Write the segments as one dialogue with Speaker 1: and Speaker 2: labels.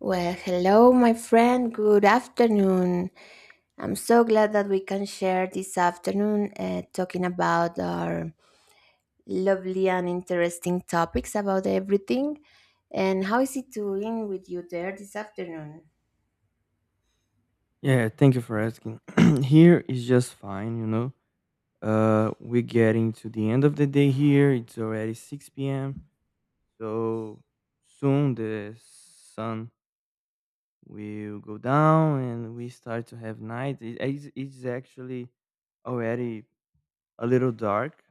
Speaker 1: Well, hello, my friend. Good afternoon. I'm so glad that we can share this afternoon talking about our lovely and interesting topics about everything. And how is it doing with you there this afternoon?
Speaker 2: Yeah, thank you for asking. Here is just fine. We're getting to the end of the day here. It's already 6 p.m. So soon the sun will go down and we start to have night. It's actually already a little dark,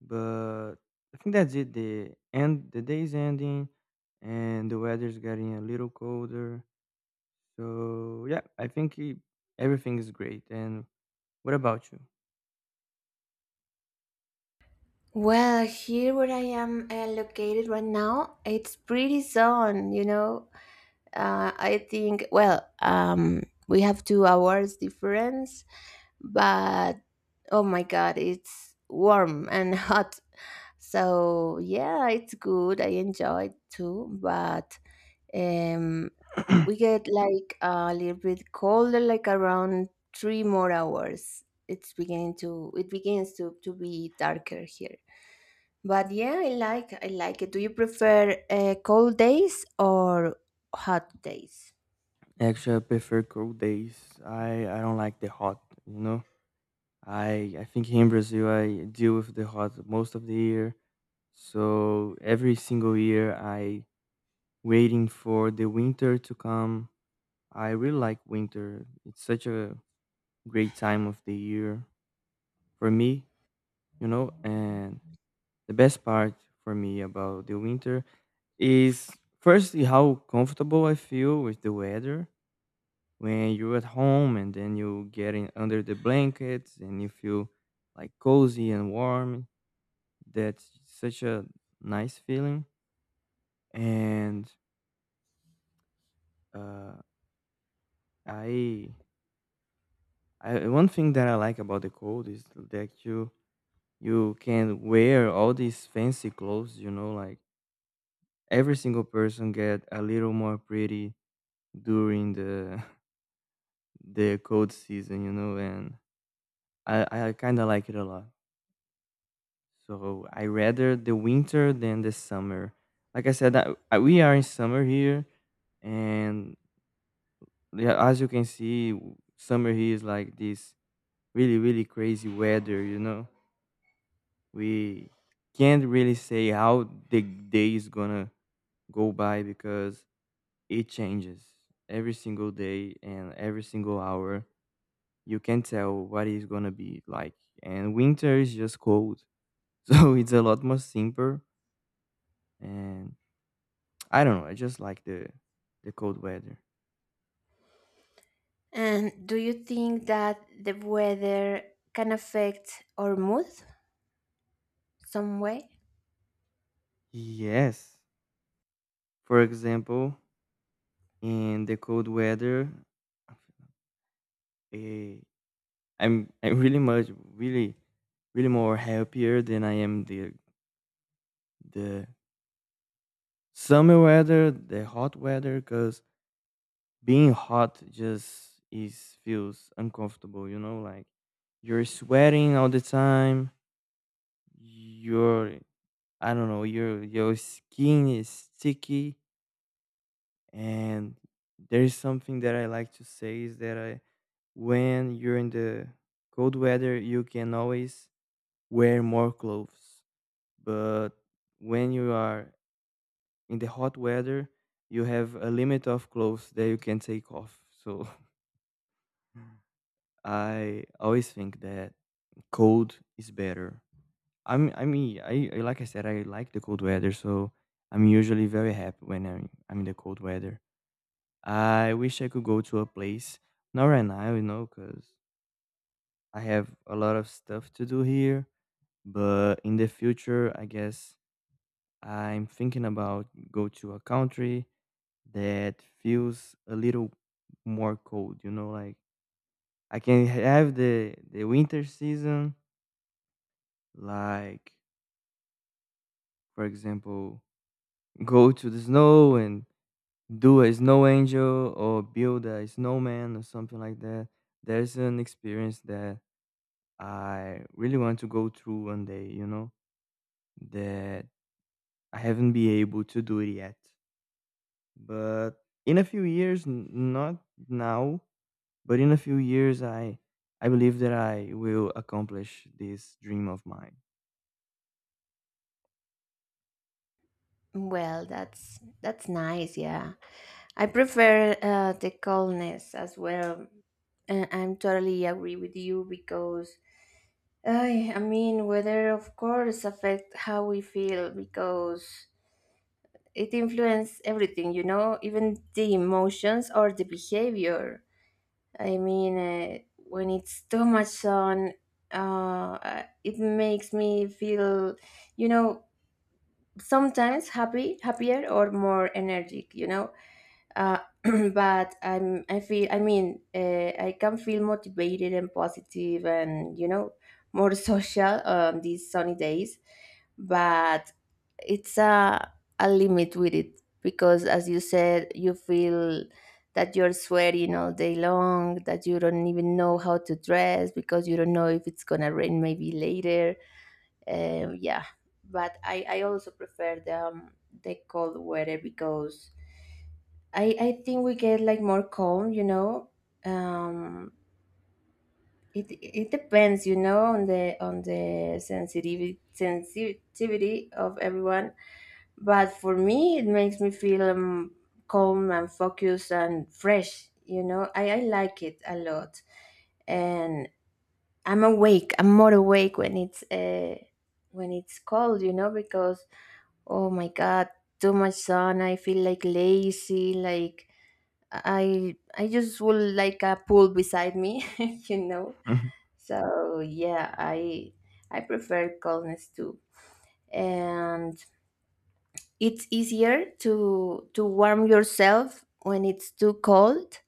Speaker 2: but I think that's it. The day is ending, and the weather's getting a little colder. So yeah, everything is great. And what about you?
Speaker 1: Well, here where I am located right now, it's pretty sun, you know. I think, well, we have 2 hours difference, but oh my god, it's warm and hot. So yeah, it's good. I enjoy it too, but um, we get like a little bit colder, like around three more hours. It begins to be darker here. But yeah, I like it. Do you prefer cold days or hot days?
Speaker 2: Actually, I prefer cold days. I don't like the hot, you know? I think here in Brazil, I deal with the hot most of the year. So every single year, I waiting for the winter to come. I really like winter. It's such a great time of the year for me, you know? And the best part for me about the winter is firstly how comfortable I feel with the weather when you're at home, and then you get in under the blankets and you feel like cozy and warm. That's such a nice feeling. And uh, I, I one thing that I like about the cold is that you can wear all these fancy clothes, like every single person get a little more pretty during the the cold season. And I kind of like it a lot. So I rather the winter than the summer. Like I said, we are in summer here, and yeah, as you can see, summer here is like this really, really crazy weather. You know, we can't really say how the day is gonna go by because it changes every single day and every single hour. You can tell what it's gonna be like, and winter is just cold, so it's a lot more simple. And I don't know. I just like the cold weather.
Speaker 1: And do you think that the weather can affect our mood? Some way.
Speaker 2: Yes. For example, in the cold weather, eh, I'm I'm really, really more happier than I am the the summer weather, the hot weather, because being hot just is feels uncomfortable. You know, like you're sweating all the time. You're I don't know. Your skin is sticky. And there is something that I like to say is that when you're in the cold weather, you can always wear more clothes. But when you are in the hot weather, you have a limit of clothes that you can take off. So I always think that cold is better. I mean, like I said, I like the cold weather, so I'm usually very happy when I'm in the cold weather. I wish I could go to a place, not right now, because I have a lot of stuff to do here. But in the future, I guess I'm thinking about go to a country that feels a little more cold, like I can have the winter season, like for example, go to the snow and do a snow angel or build a snowman or something like that. There's an experience that I really want to go through one day, that I haven't been able to do it yet. But in a few years, not now, but in a few years, I believe that I will accomplish this dream of mine.
Speaker 1: Well, that's nice. Yeah, I prefer the coldness as well. I'm totally agree with you because I mean weather of course affect how we feel because it influences everything. You know, even the emotions or the behavior. I mean, when it's too much sun, it makes me feel, you know, sometimes happy happier or more energetic, you know. uh, but I feel, I mean, I can feel motivated and positive, and, you know, more social on these sunny days. But it's a limit with it because, as you said, you feel that you're sweating all day long, that you don't even know how to dress because you don't know if it's gonna rain maybe later. Yeah, but I also prefer the cold weather because I think we get like more calm, you know. Um, it it depends, you know, on the sensitivity of everyone. But for me, it makes me feel calm and focused and fresh. You know, I like it a lot, and I'm awake. I'm more awake when it's cold. You know, because oh my god, too much sun. I feel like lazy. Like I just would like a pool beside me, you know.
Speaker 2: Mhm.
Speaker 1: So yeah, I prefer coldness too, and it's easier to warm yourself when it's too cold.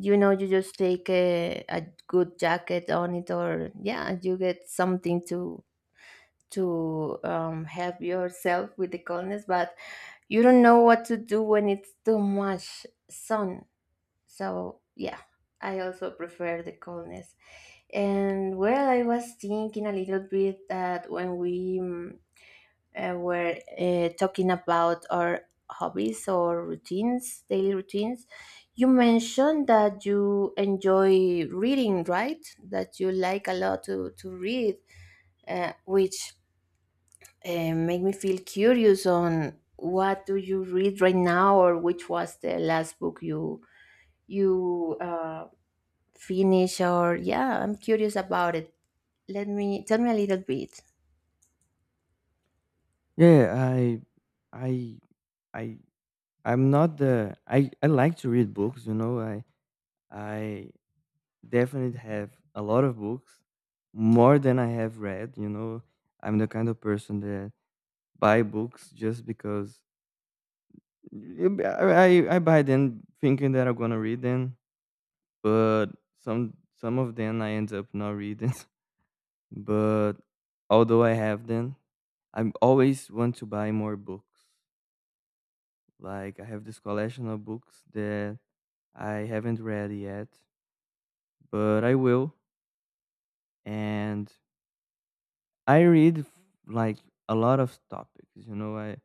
Speaker 1: You know, you just take a good jacket on it, or yeah, you get something to help yourself with the coldness. But you don't know what to do when it's too much sun. So yeah, I also prefer the coldness. And well, I was thinking a little bit that when we were talking about our hobbies or routines, daily routines, you mentioned that you enjoy reading, right? That you like a lot to read, which make me feel curious on what do you read right now, or which was the last book you you uh, finish or yeah, I'm curious about it. Let me tell me a little bit.
Speaker 2: Yeah, I I I'm not the I like to read books, you know. I definitely have a lot of books, more than I have read, you know. I'm the kind of person that buy books just because I buy them thinking that I'm gonna read them, but some of them I end up not reading. But although I have them, I always want to buy more books. Like I have this collection of books that I haven't read yet, but I will. And I read like a lot of topics. You know, I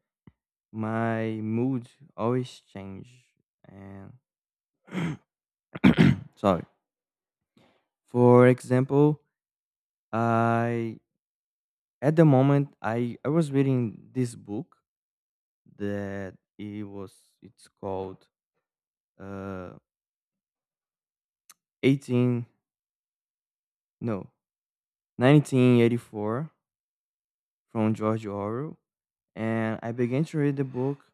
Speaker 2: my mood always change. And sorry. For example, I at the moment I was reading this book that it was it's called uh 18, no, 1984 from George Orwell, and I began to read the book,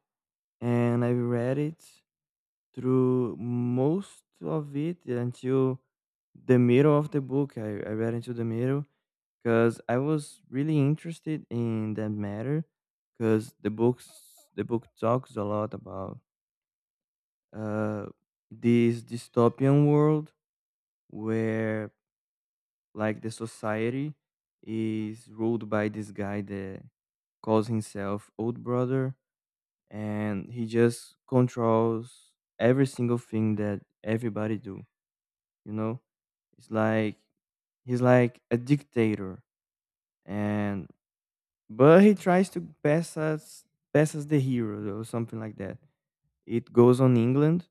Speaker 2: and I read it through most of it until the middle of the book. I read into the middle because I was really interested in that matter, because the book talks a lot about uh, this dystopian world where like the society is ruled by this guy that calls himself old brother, and he just controls every single thing that everybody do, you know. It's like he's like a dictator. And But he tries to pass as the hero or something like that. It goes on england.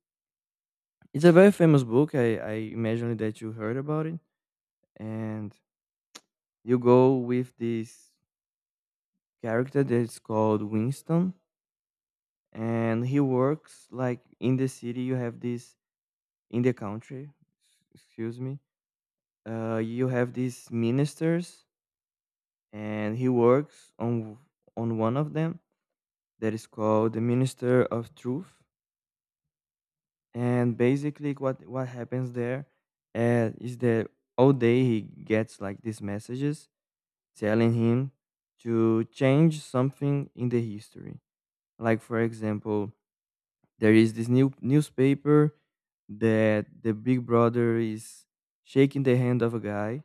Speaker 2: It's a very famous book. I imagine that you heard about it. And you go with this character that's called winston, and he works like in the city. You have this In the country, excuse me, you have these ministers, and he works on one of them that is called the minister of truth. And basically what happens there, is that all day he gets like these messages telling him to change something in the history. Like for example, there is this newspaper that the big brother is shaking the hand of a guy,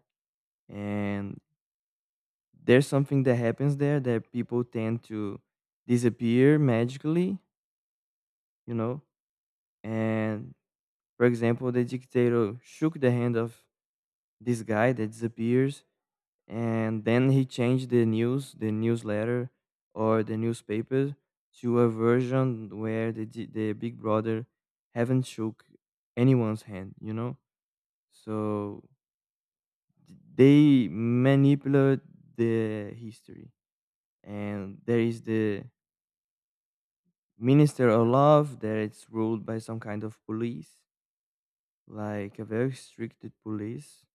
Speaker 2: and there's something that happens there that people tend to disappear magically, you know. And for example, the dictator shook the hand of this guy that disappears, and then he changed the newsletter or the newspaper to a version where the big brother haven't shook anyone's hand, so they manipulate the history. And there is the minister of love that it's ruled by some kind of police, like a very strict police.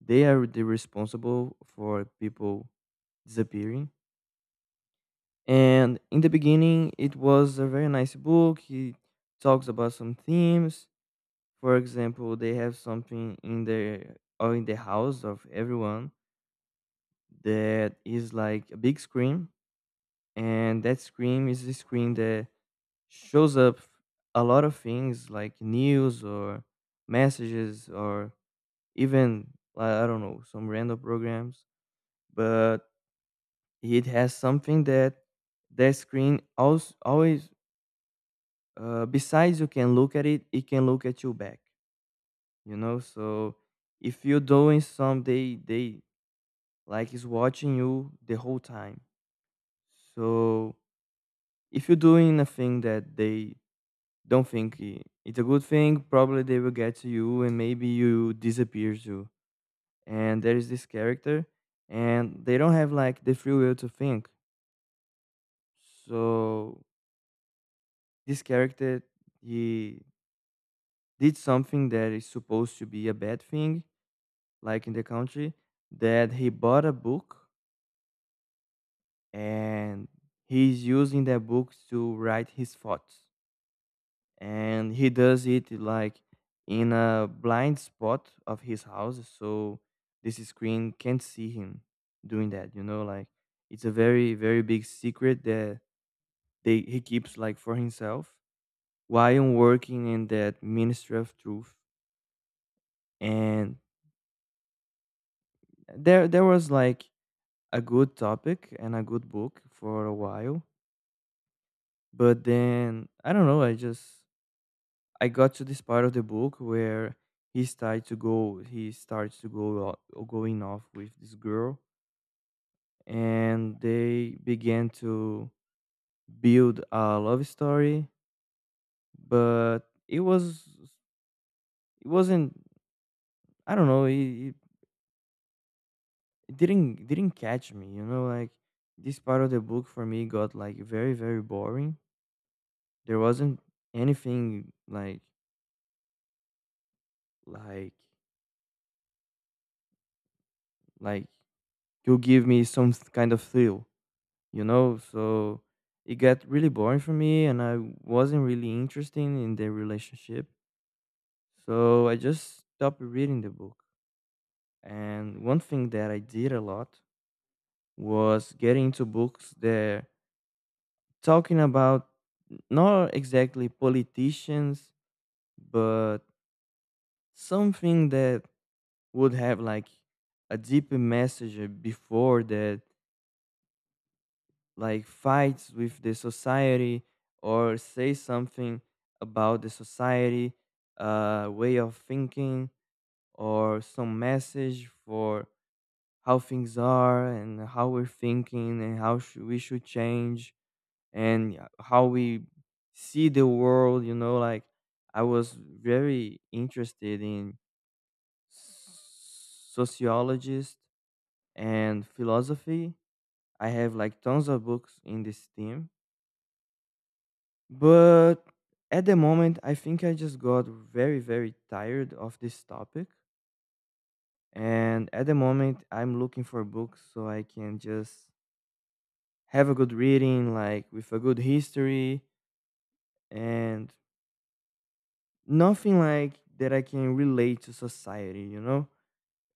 Speaker 2: They are the responsible for people disappearing. And in the beginning, it was a very nice book. He talks about some themes. For example, they have something in the house of everyone that is like a big screen, and that screen is a screen that shows up a lot of things like news or messages or even I don't know, some random programs. But it has something that that screen also always, besides you can look at it, it can look at you back, you know. So if you're doing some they like is watching you the whole time. So if you're doing a thing that they don't think it's a good thing, probably they will get to you and maybe you disappear too. And there is this character, and they don't have like the free will to think. So this character, he did something that is supposed to be a bad thing, like in the country, that he bought a book, and he's using that book to write his thoughts. And he does it like in a blind spot of his house, so this screen can't see him doing that, like it's a very, very big secret that they he keeps like for himself while working in that ministry of truth. And there was like a good topic and a good book for a while. But then I don't know, I got to this part of the book where he starts to go going off with this girl, and they began to build a love story. But it was it wasn't, I don't know, it didn't catch me, like this part of the book for me got like very, very boring. There wasn't anything like like to give me some kind of thrill, you know? So it got really boring for me, and I wasn't really interested in the relationship. So I just stopped reading the book. And one thing that I did a lot was getting into books that talking about not exactly politicians, but something that would have like a deeper message before that, like fights with the society, or say something about the society way of thinking, or some message for how things are and how we're thinking and how should we should change, and how we see the world, like I was very interested in sociologist and philosophy. I have like tons of books in this theme. But at the moment, I think I just got very, very tired of this topic. And at the moment, I'm looking for books so I can just have a good reading, like with a good history, and nothing like that I can relate to society, you know?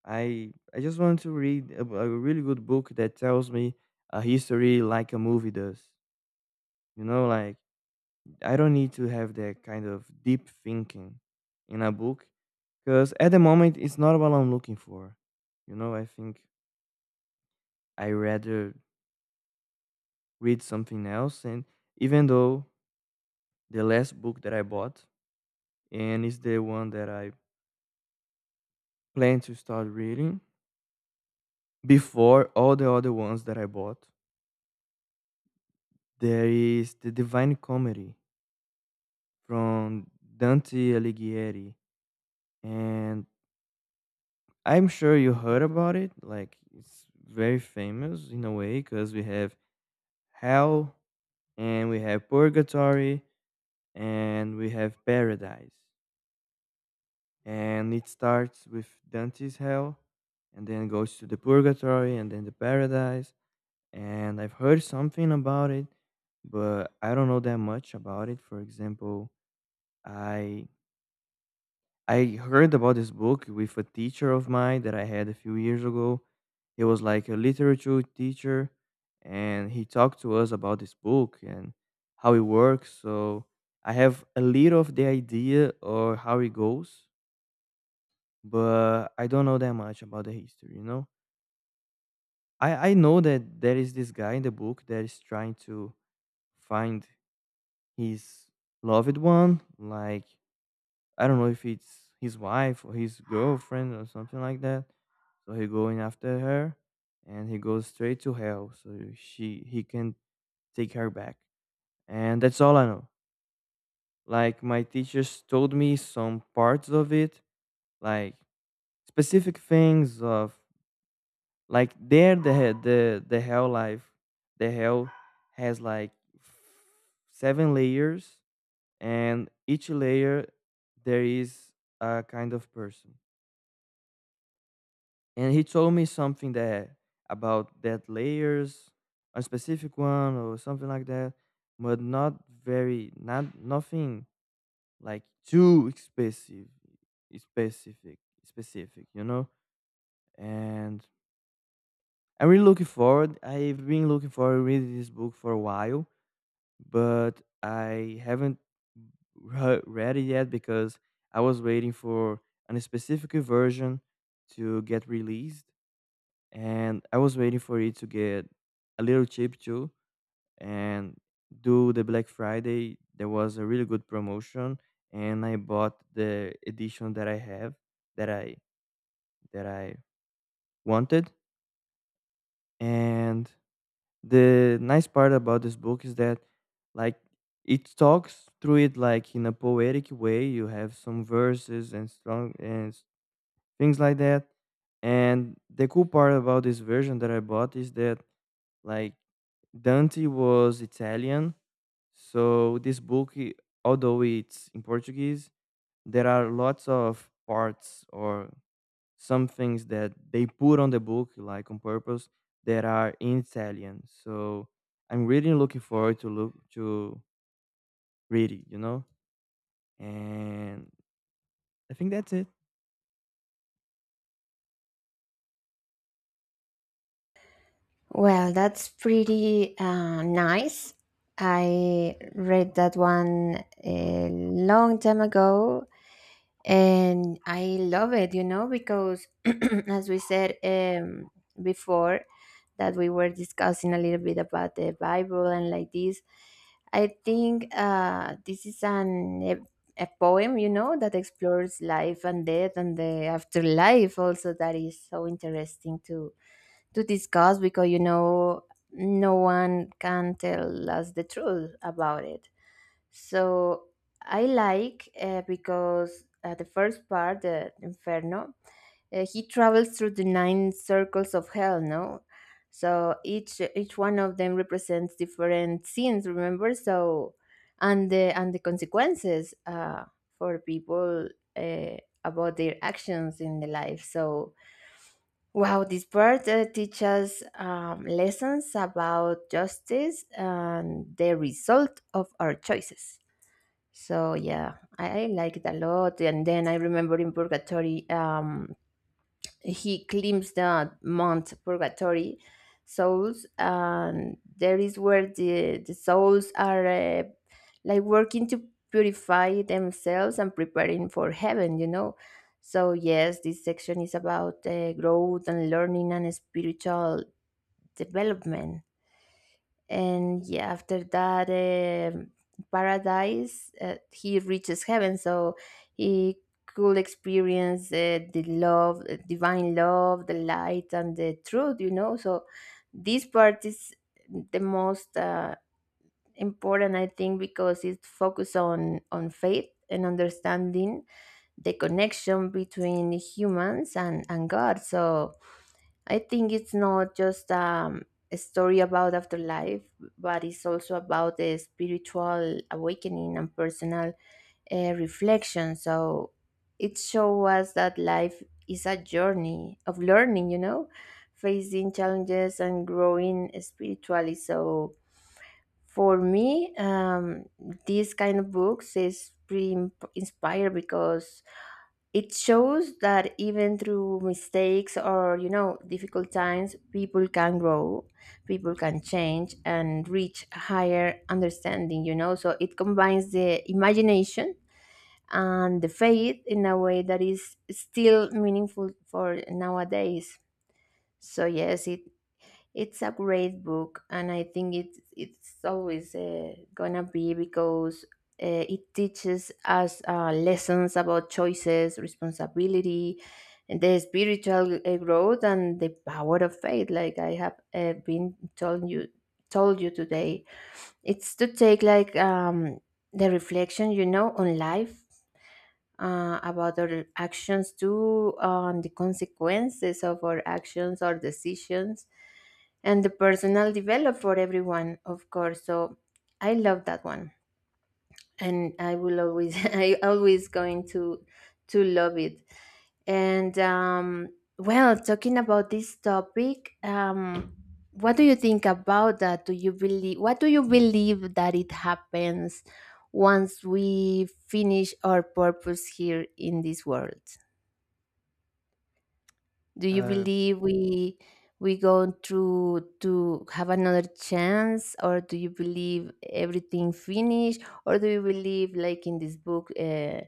Speaker 2: I just want to read a really good book that tells me a history like a movie does. You know, like I don't need to have that kind of deep thinking in a book. Because at the moment, it's not what I'm looking for. I think I rather read something else. And even though the last book that I bought, and it's the one that I plan to start reading before all the other ones that I bought, there is the Divine Comedy from Dante Alighieri. And I'm sure you heard about it. Like, it's very famous in a way because we have Hell and we have Purgatory and we have paradise, and it starts with Dante's hell and then goes to the purgatory and then the paradise. And I've heard something about it, but I don't know that much about it. For example, i I heard about this book with a teacher of mine that I had a few years ago. He was like a literature teacher, and he talked to us about this book and how it works. So I have a little of the idea or how it goes, but I don't know that much about the history, I know that there is this guy in the book that is trying to find his loved one, like I don't know if it's his wife or his girlfriend or something like that. So he going after her, and he goes straight to hell so she he can take her back, and that's all I know. Like my teachers told me some parts of it, like specific things of, like, there the the hell life, the hell has like seven layers, and each layer there is a kind of person. And he told me something that about that layers, a specific one or something like that, but not very, not nothing like too specific, specific, specific, and I'm really looking forward, I've been looking forward to reading this book for a while, but I haven't read it yet because I was waiting for an specific version to get released, and I was waiting for it to get a little cheap too. And do the Black Friday, there was a really good promotion, and I bought the edition that I have that I that I wanted. And the nice part about this book is that, like, it talks through it like in a poetic way. You have some verses and strong and things like that. And the cool part about this version that I bought is that, like, Dante was Italian, so this book, although it's in Portuguese, there are lots of parts or some things that they put on the book, like on purpose, that are in Italian. So I'm really looking forward to look to read it, And I think that's it.
Speaker 1: Well, that's pretty nice. I read that one a long time ago, and I love it, you know, because as we said before, that we were discussing a little bit about the Bible and like this, I think this is a poem, you know, that explores life and death and the afterlife. Also, that is so interesting to discuss because, you know, no one can tell us the truth about it. So I like because the first part, the Inferno, he travels through the nine circles of hell, no? So each one of them represents different sins, remember? So and the consequences for people uh, about their actions in the life. So wow, this part teaches lessons about justice and the result of our choices. So yeah, I like it a lot. And then I remember in Purgatory, he claims the Mount Purgatory souls, and there is where the souls are like working to purify themselves and preparing for heaven, you know. So yes, this section is about growth and learning and spiritual development. And yeah, after that, paradise, he reaches heaven, so he could experience the love divine love, the light, and the truth, you know. So this part is the most important, I think, because it focuses on faith and understanding the connection between humans and god so I think it's not just a story about afterlife, but it's also about the spiritual awakening and personal reflection. So it shows us that life is a journey of learning, you know, facing challenges and growing spiritually. So for me, this kind of books is pretty imp- inspired, because it shows that even through mistakes or, you know, difficult times, people can grow, people can change, and reach higher understanding. You know, so it combines the imagination and the faith in a way that is still meaningful for nowadays. So yes, it's a great book, and I think it's always gonna be, because it teaches us lessons about choices, responsibility, and the spiritual growth, and the power of faith. Like I have been told you today, it's to take like the reflection, you know, on life about our actions too, on the consequences of our actions or decisions, and the personal develop for everyone, of course. So I love that one, and I will always I always going to love it. And well, talking about this topic, what do you think about that? Do you believe that it happens once we finish our purpose here in this world? Do you
Speaker 2: Uh,
Speaker 1: believe we go through to have another chance, or do you believe everything finished, or do you believe like in this book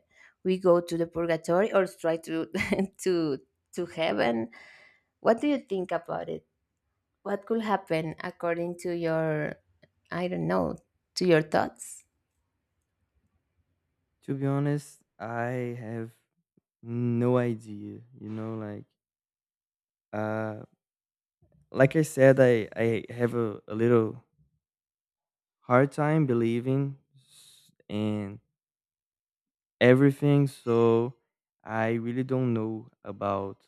Speaker 1: we go to the purgatory, or try to to to heaven? What do you think about it? What could happen according to your, I don't know, to your thoughts?
Speaker 2: to be honest, I have no idea. Like, uh, like I said, I have a little hard time believing in everything, so I really don't know about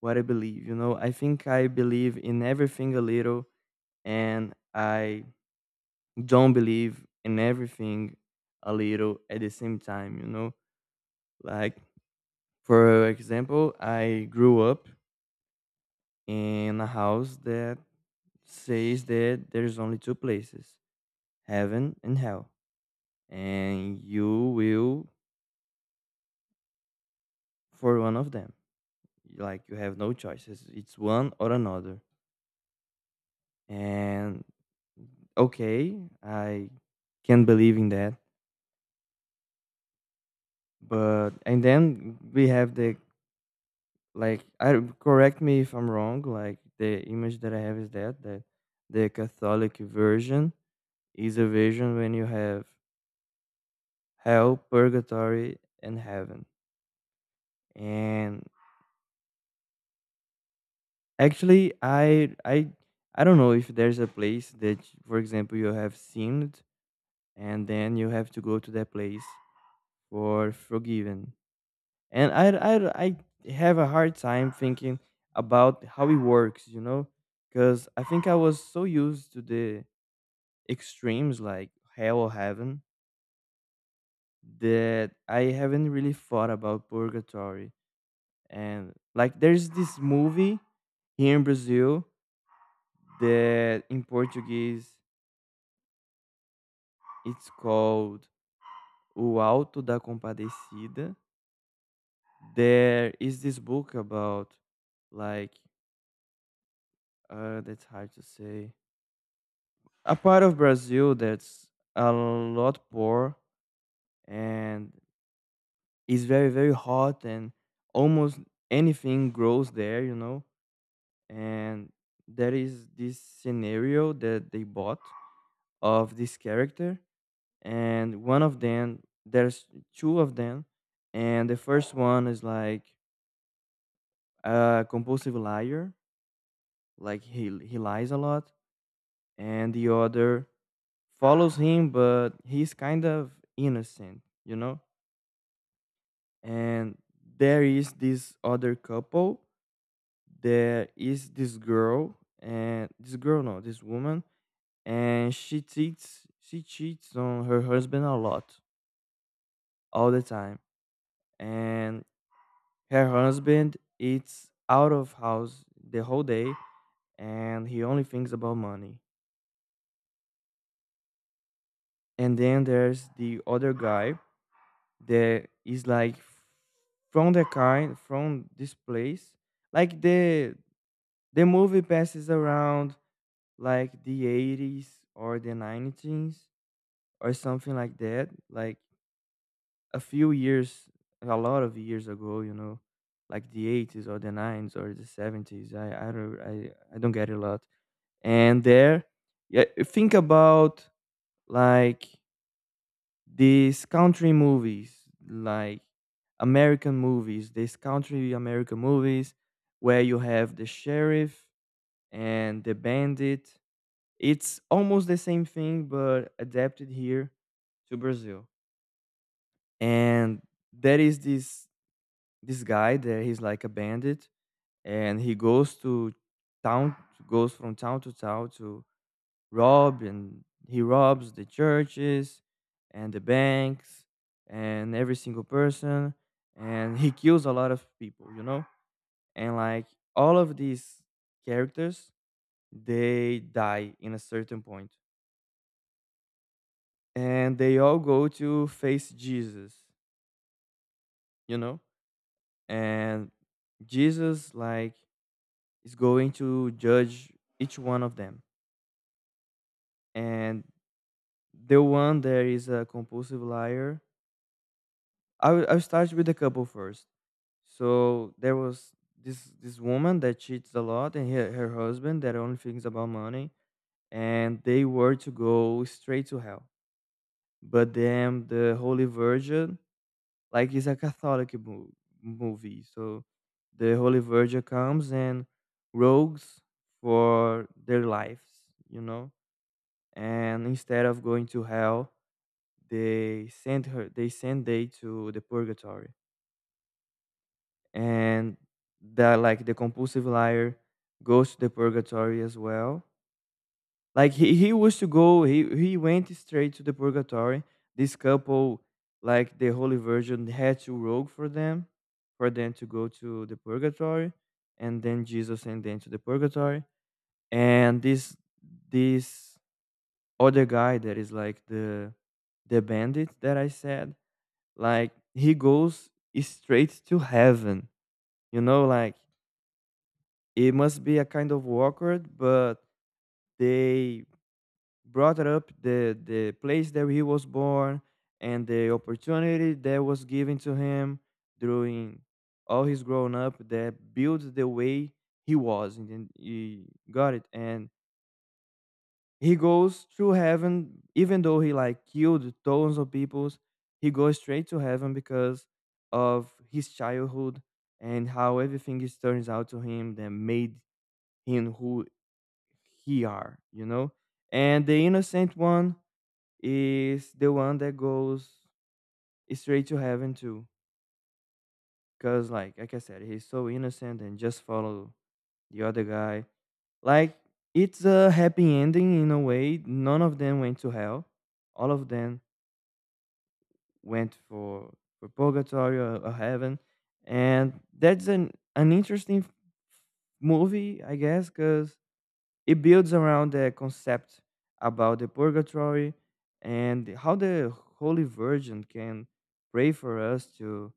Speaker 2: what I believe. I think I believe in everything a little, and I don't believe in everything a little at the same time, like, for example, I grew up in a house that says that there's only two places, heaven and hell, and you will for one of them, like you have no choices, it's one or another. And okay, I can believe in that, but and then we have the, like, I, correct me if I'm wrong, like the image that I have is that the Catholic version is a version when you have hell, purgatory and heaven. And actually, I don't know if there's a place that, for example, you have sinned and then you have to go to that place for forgiven. And I, I have a hard time thinking about how it works, because I think I was so used to the extremes, like hell or heaven, that I haven't really thought about purgatory. And like, there's this movie here in Brazil that in Portuguese it's called O Alto da Compadecida. There is this book about, like, that's hard to say, a part of Brazil that's a lot poor and is very, very hot and almost anything grows there, and there is this scenario that they bought of this character. And one of them, there's two of them, and the first one is like a compulsive liar, like he lies a lot. And the other follows him, but he's kind of innocent, you know? And there is this other couple, there is this girl, and this girl, no, this woman, and she cheats on her husband a lot, all the time. And her husband is out of house the whole day, and he only thinks about money. And then there's the other guy that is like from the kind from this place, like the movie passes around like the eighties or the nineties or something like that, like a few years, a lot of years ago, like the eighties or the nineties or the seventies, I don't get it a lot. And there, yeah, think about, like, these country movies, like American movies, these country American movies where you have the sheriff and the bandit. It's almost the same thing, but adapted here to Brazil. And there is this guy there. He's like a bandit, and he goes to town, goes from town to town to rob, and he robs the churches and the banks and every single person, and he kills a lot of people, and like all of these characters, they die in a certain point, and they all go to face Jesus, you know and Jesus, like, is going to judge each one of them. And the one that is a compulsive liar, I'll start with the couple first. So there was this woman that cheats a lot, and her husband that only thinks about money, and they were to go straight to hell. But then the Holy Virgin, like, it's a Catholic movie, so the Holy Virgin comes and rogues for their lives, you know. And instead of going to hell, they sent her. They sent they to the purgatory. And that, like the compulsive liar goes to the purgatory as well, like he was to go he went straight to the purgatory. This couple, like the Holy Virgin had to rogue for them to go to the purgatory, and then Jesus sent them to the purgatory. And this other guy that is like the bandit that I said, like he goes straight to heaven, you know, like it must be a kind of awkward, but they brought up the place that he was born and the opportunity that was given to him during all his growing up that built the way he was. And then he got it, and he goes through heaven even though he like killed tons of peoples. He goes straight to heaven because of his childhood and how everything is turns out to him that made him who he are, and the innocent one is the one that goes straight to heaven too, because like I said, he's so innocent and just follow the other guy. Like, it's a happy ending. In a way, none of them went to hell, all of them went for purgatory or heaven. And that's an interesting movie, I guess, because it builds around the concept about the purgatory and how the Holy Virgin can pray for us to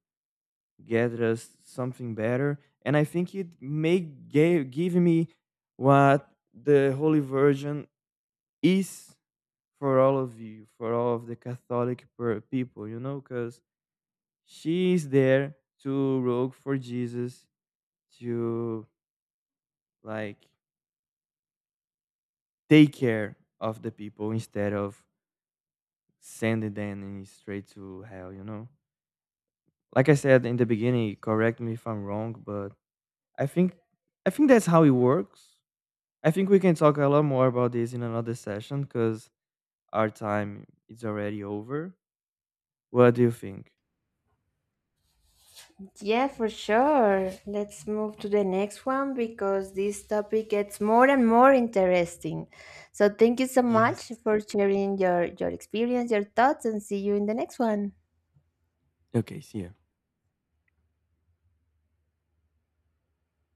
Speaker 2: get us something better. And I think it may gave, give me what the Holy Virgin is for all of you, for all of the Catholic people, you know, because she is there to rogue for Jesus to, like, take care of the people instead of sending them in straight to hell, like I said in the beginning, correct me if I'm wrong, but I think, I think that's how it works. I think we can talk a lot more about this in another session because our time is already over. What do you think?
Speaker 1: Yeah, for sure. Let's move to the next one because this topic gets more and more interesting. So thank you so much
Speaker 2: Yes.
Speaker 1: for sharing your experience, your thoughts, and see you in the next one.
Speaker 2: Okay, see ya.